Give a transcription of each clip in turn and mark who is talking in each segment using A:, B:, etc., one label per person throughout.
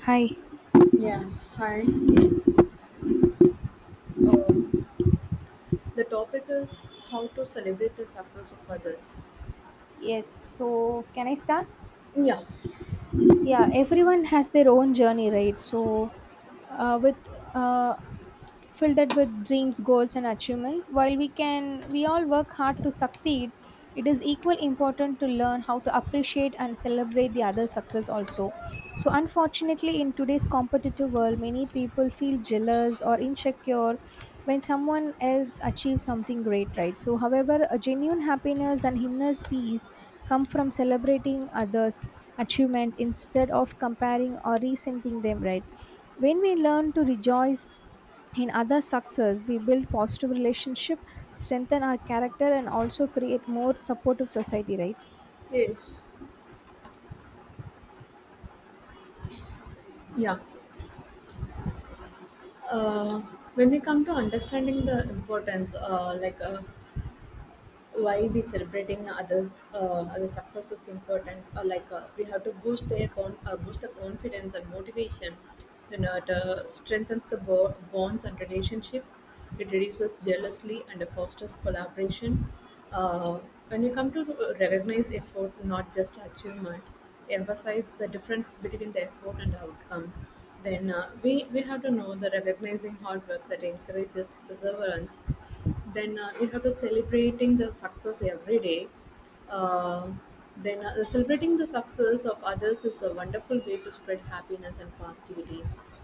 A: Hi.
B: Yeah, and uh, the topic is how to celebrate the success of others.
A: Yes, so can I start?
B: Yeah.
A: Yeah, everyone has their own journey, right? So, with uh, filled it with dreams goals and achievements while we all work hard to succeed, it is equal important to learn how to appreciate and celebrate the other success also. So unfortunately in today's competitive world many people feel jealous or insecure when someone else achieves something great, right? So however a genuine happiness and inner peace come from celebrating others achievement instead of comparing or resenting them, right? When we learn to rejoice in other success we build positive relationship, strengthen our character and also create more supportive society, right?
B: Yes, yeah. Uh, when we come to understanding the importance, why we celebrating other success is important, we have to boost boost the confidence and motivation. You know it strengthens the bonds and relationship. It reduces jealousy and fosters collaboration. uh, when you come to recognize effort not just achievement, emphasize the difference between the effort and outcome. Then we have to know the recognizing hard work that encourages perseverance. Then you have to celebrating the success every day. Uh, then Celebrating the success of others is a wonderful way to spread happiness and positivity.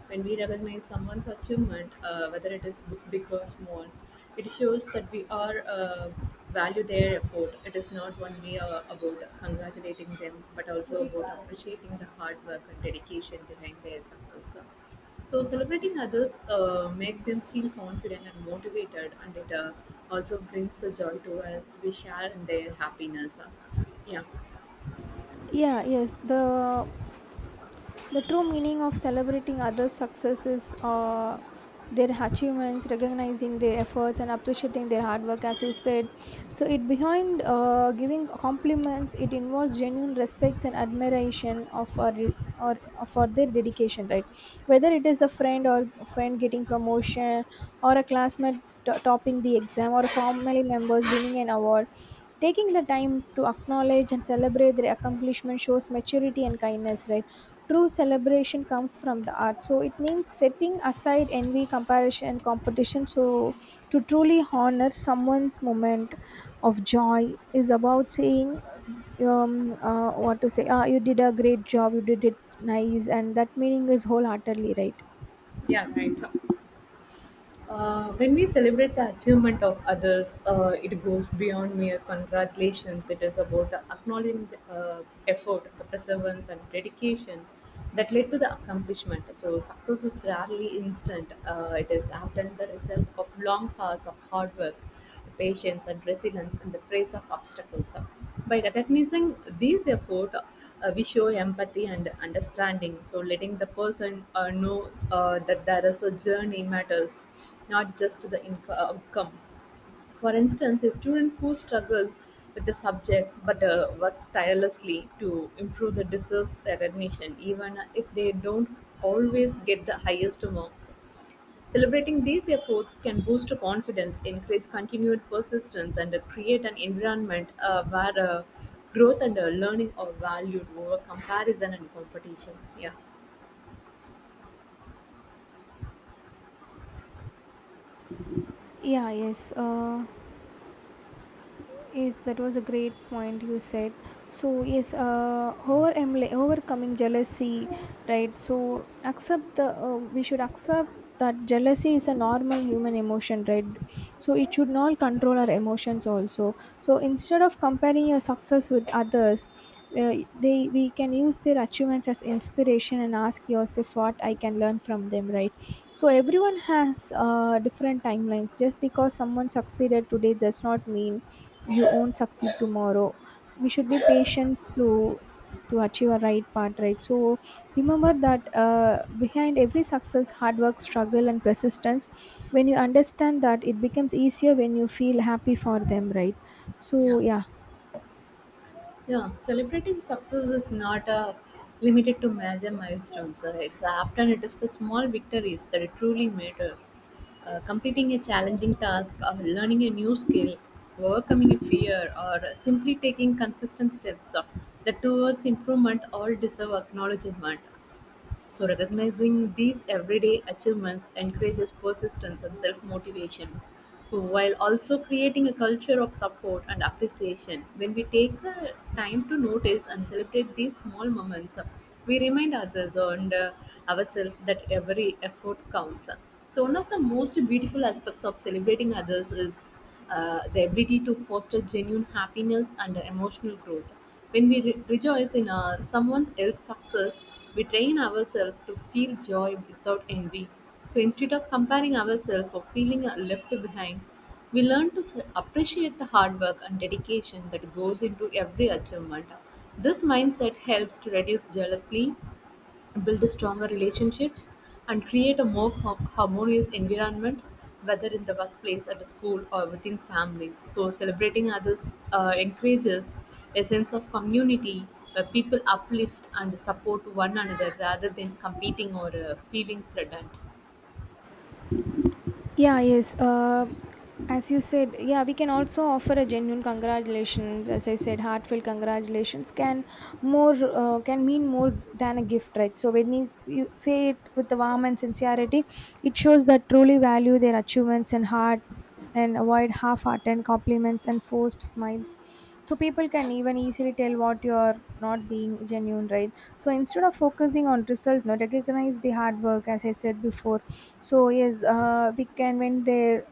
B: When we recognize someone's achievement, whether it is big or small, it shows that we are value their effort. It is not only about congratulating them but also about appreciating the hard work and dedication behind their success. So celebrating others make them feel confident and motivated, and it also brings the joy to us. We share in their happiness. Yeah.
A: yeah yes the The true meaning of celebrating others' successes or their achievements, recognizing their efforts and appreciating their hard work, as you said. So, it behind giving compliments, it involves genuine respects and admiration of our. Or for their dedication, right? Whether it is a friend or a friend getting promotion, or a classmate topping the exam, or a family members winning an award, taking the time to acknowledge and celebrate their accomplishment shows maturity and kindness, right? True celebration comes from the art. So it means setting aside envy, comparison, and competition. So to truly honor someone's moment of joy is about saying, what to say, ah, you did a great job, you did it nice, and that meaning is wholeheartedly right.
B: Yeah, right. When we celebrate the achievement of others, it goes beyond mere congratulations. It is about the acknowledging the effort, the perseverance, and dedication that led to the accomplishment. So, success is rarely instant. It is often the result of long hours of hard work, patience and resilience in the face of obstacles. By recognizing these efforts, we show empathy and understanding. So, letting the person know that there is a journey matters, not just the outcome. For instance, a student who struggles with the subject but works tirelessly to improve the deserves recognition, even if they don't always get the highest marks. Celebrating these efforts can boost confidence, encourage continued persistence, and create an environment where growth and learning are valued over comparison and competition. Yeah.
A: Yeah, yes. Yes, that was a great point you said. So yes, overcoming jealousy, right? So accept the we should accept that jealousy is a normal human emotion, right? So it should not control our emotions also. So instead of comparing your success with others, they we can use their achievements as inspiration and ask yourself what I can learn from them, right? So everyone has different timelines. Just because someone succeeded today does not mean you won't succeed tomorrow. We should be patient to achieve a right part, right? So remember that behind every success hard work struggle and persistence, when you understand that it becomes easier when you feel happy for them, right?
B: Yeah.
A: So yeah.
B: Yeah, celebrating success is not limited to major milestones, right? It's often it is the small victories that truly matter. Completing a challenging task, or learning a new skill, overcoming a fear, or simply taking consistent steps that towards improvement all deserve acknowledgement. So, recognizing these everyday achievements encourages persistence and self motivation, while also creating a culture of support and appreciation. When we take the time to notice and celebrate these small moments, we remind others and ourselves that every effort counts. So, one of the most beautiful aspects of celebrating others is the ability to foster genuine happiness and emotional growth. When we rejoice in someone else's success, we train ourselves to feel joy without envy. So instead of comparing ourselves or feeling left behind, we learn to appreciate the hard work and dedication that goes into every achievement. This mindset helps to reduce jealousy, build stronger relationships, and create a more harmonious environment, whether in the workplace, at school, or within families. So, celebrating others encourages a sense of community where people uplift and support one another rather than competing or feeling threatened.
A: Yeah, yes. As you said, yeah, we can also offer a genuine congratulations. As I said, heartfelt congratulations can more can mean more than a gift, right? So when you say it with the warm and sincerity, it shows that truly value their achievements and hard, and avoid half-hearted compliments and forced smiles. So people can even easily tell what you are not being genuine, right? So instead of focusing on result not recognize the hard work as I said before. So yes, we can when they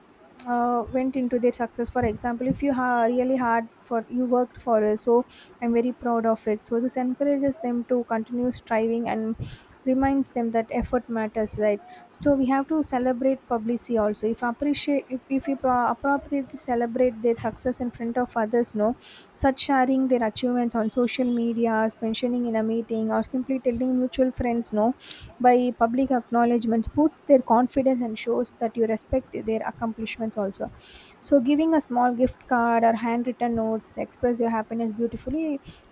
A: went into their success, for example, if you are really hard for you worked for it, so I'm very proud of it. So this encourages them to continue striving and reminds them that effort matters, right? So we have to celebrate publicity also if appreciate if, if we appropriately celebrate their success in front of others, no, such sharing their achievements on social medias, mentioning in a meeting or simply telling mutual friends, no, by public acknowledgement boosts their confidence and shows that you respect their accomplishments also. So giving a small gift card or handwritten notes express your happiness beautifully.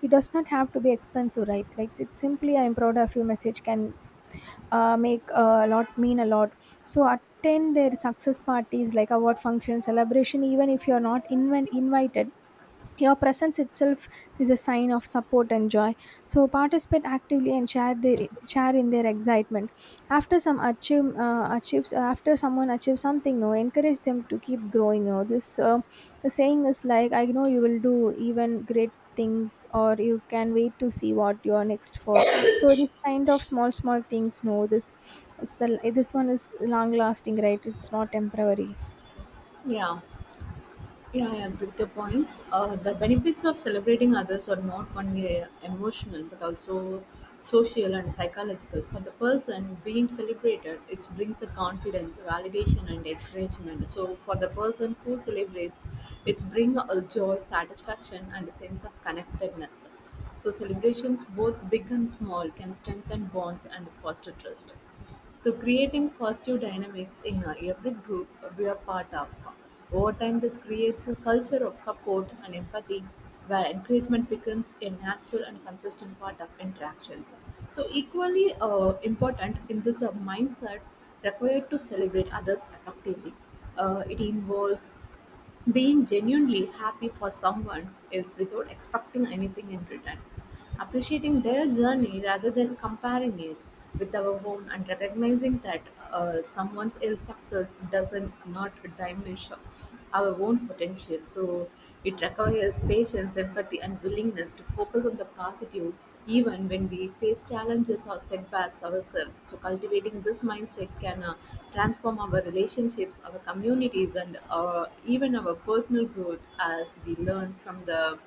A: It does not have to be expensive, right? Like it's simply I'm proud of you message can make a lot mean a lot. So attend their success parties like award function, celebration even if you're not invited, your presence itself is a sign of support and joy. So participate actively and share in their excitement. After someone achieves something, no, encourage them to keep growing. No, this saying is like I know you will do even great things, or you can wait to see what you are next for. So this kind of small things, no, this one is long lasting, right? It's not temporary.
B: Yeah. Yeah, I agree with your points. The benefits of celebrating others are not only emotional but also social and psychological. For the person being celebrated, it brings a confidence, validation, and encouragement. So, for the person who celebrates, it brings a joy, satisfaction, and a sense of connectedness. So, celebrations, both big and small, can strengthen bonds and foster trust. So creating positive dynamics in every group we are part of. Over time, this creates a culture of support and empathy where encouragement becomes a natural and consistent part of interactions. So equally important in this mindset required to celebrate others effectively. It involves being genuinely happy for someone else without expecting anything in return. Appreciating their journey rather than comparing it with our own and recognizing that someone else's success doesn't not diminish our own potential. So it requires patience, empathy, and willingness to focus on the positive even when we face challenges or setbacks ourselves. So, cultivating this mindset can transform our relationships, our communities, and even our personal growth as we learn from the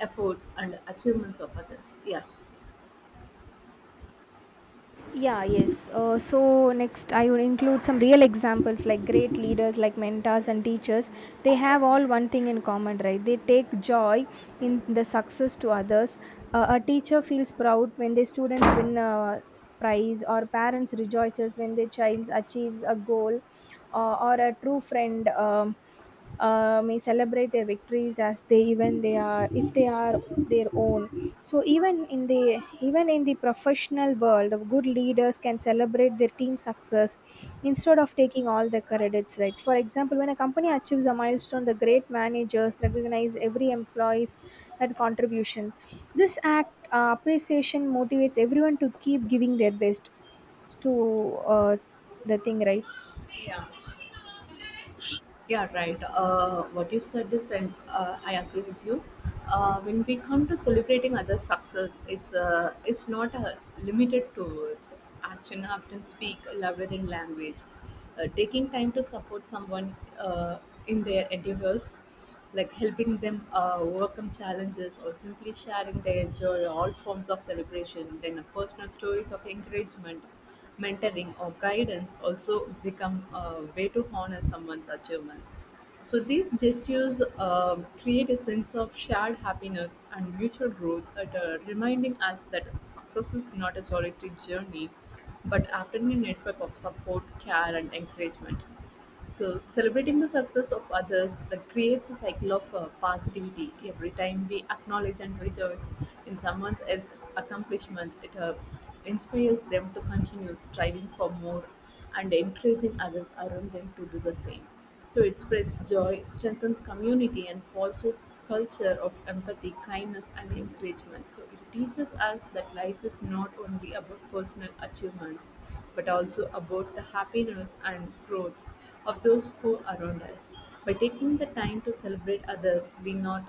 B: efforts and achievements of others. Yeah.
A: Yeah, yes. So next, I would include some real examples like great leaders, like mentors and teachers. They have all one thing in common, right? They take joy in the success to others. A teacher feels proud when their students win prize, or parents rejoices when their child achieves a goal, or a true friend may celebrate their victories as they even they are if they are their own. So even in the professional world good leaders can celebrate their team success instead of taking all the credits, right? For example when a company achieves a milestone, the great managers recognize every employee's had contributions. This act appreciation motivates everyone to keep giving their best to the thing, right?
B: Yeah. Yeah, right. What you said is, and I agree with you. When we come to celebrating other success, it's not limited to words. Action often speak louder than language. Taking time to support someone in their endeavors like helping them overcome challenges or simply sharing their joy, all forms of celebration, then personal stories of encouragement, mentoring, or guidance also become a way to honor someone's achievements. So these gestures create a sense of shared happiness and mutual growth, reminding us that success is not a solitary journey, but often a network of support, care, and encouragement. So, celebrating the success of others that creates a cycle of positivity. Every time we acknowledge and rejoice in someone else's accomplishments, it inspires them to continue striving for more and encouraging others around them to do the same. So it spreads joy, strengthens community, and fosters culture of empathy, kindness, and encouragement. So it teaches us that life is not only about personal achievements, but also about the happiness and growth of those who are around us. By taking the time to celebrate others, we not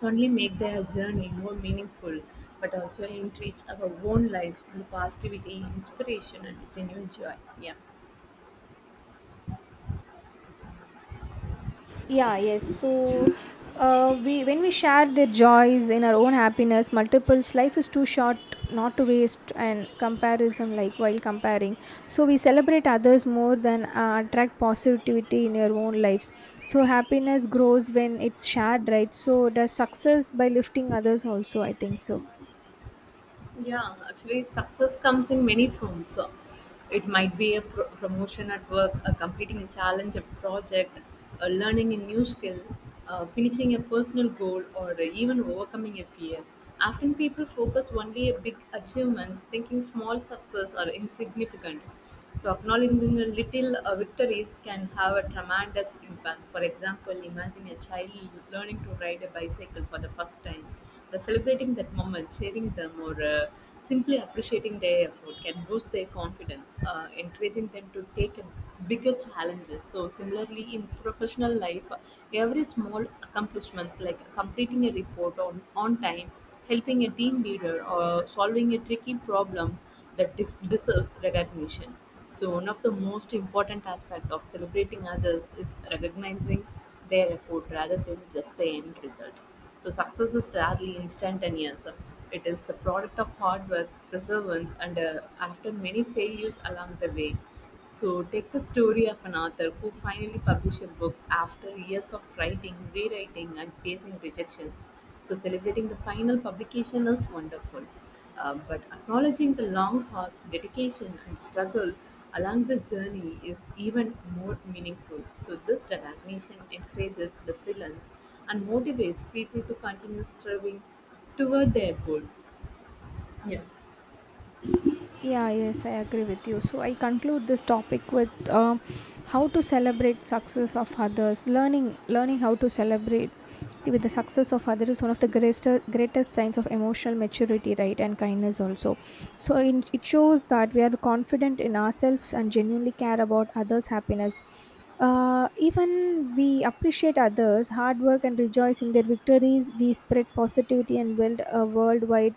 B: only make their journey more meaningful, but also enrich our own lives with positivity, inspiration, and genuine joy. Yeah.
A: yeah yes so we when we share their joys in our own happiness multiples. Life is too short not to waste and comparison like while comparing. So we celebrate others more than attract positivity in your own lives. So happiness grows when it's shared, right? So does success by lifting others also, I think so.
B: Yeah, actually, success comes in many forms. So it might be a promotion at work, a completing a challenge, a project, a learning a new skill, finishing a personal goal, or even overcoming a fear. Often people focus only on big achievements, thinking small success are insignificant. So acknowledging little victories can have a tremendous impact. For example, imagine a child learning to ride a bicycle for the first time. The celebrating that moment, cheering them, or simply appreciating their effort can boost their confidence, encouraging them to take a bigger challenges. So similarly, in professional life, every small accomplishments like completing a report on time, helping a team leader, or solving a tricky problem that deserves recognition. So, one of the most important aspects of celebrating others is recognizing their effort rather than just the end result. So, success is rarely instantaneous. It is the product of hard work, perseverance, and after many failures along the way. So take the story of an author who finally published a book after years of writing, rewriting, and facing rejection. So celebrating the final publication is wonderful. But acknowledging the long hours, dedication, and struggles along the journey is even more meaningful. So this recognition encourages resilience and motivates people to continue striving toward their goal. Yeah.
A: Yeah, yes, I agree with you. So I conclude this topic with how to celebrate success of others. Learning how to celebrate with the success of others is one of the greatest signs of emotional maturity, right, and kindness also. So in, it shows that we are confident in ourselves and genuinely care about others' happiness. Even we appreciate others' hard work and rejoice in their victories, we spread positivity and build a worldwide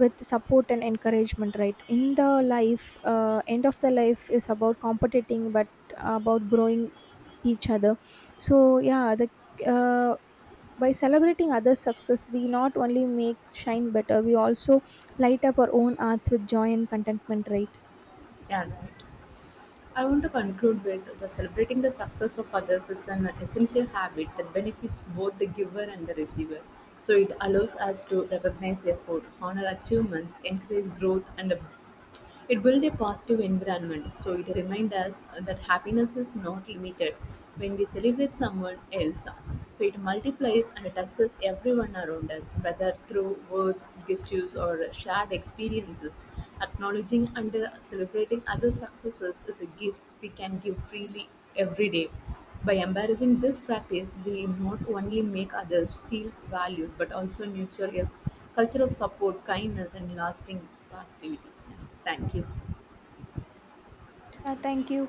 A: with support and encouragement, right? In the life end of the life is about competing but about growing each other. So yeah the uh, by celebrating others success we not only make shine better, we also light up our own hearts with joy and contentment, right?
B: Yeah, right. I want to conclude with the celebrating the success of others is an essential habit that benefits both the giver and the receiver. So it allows us to recognize effort, honor achievements, encourage growth, and it builds a positive environment, so it reminds us that happiness is not limited. When we celebrate someone else, so it multiplies and it touches everyone around us, whether through words, gestures, or shared experiences. Acknowledging and celebrating other successes is a gift we can give freely every day. By embracing this practice, we not only make others feel valued but also nurture a culture of support, kindness, and lasting positivity. Thank you.
A: Yeah, thank you.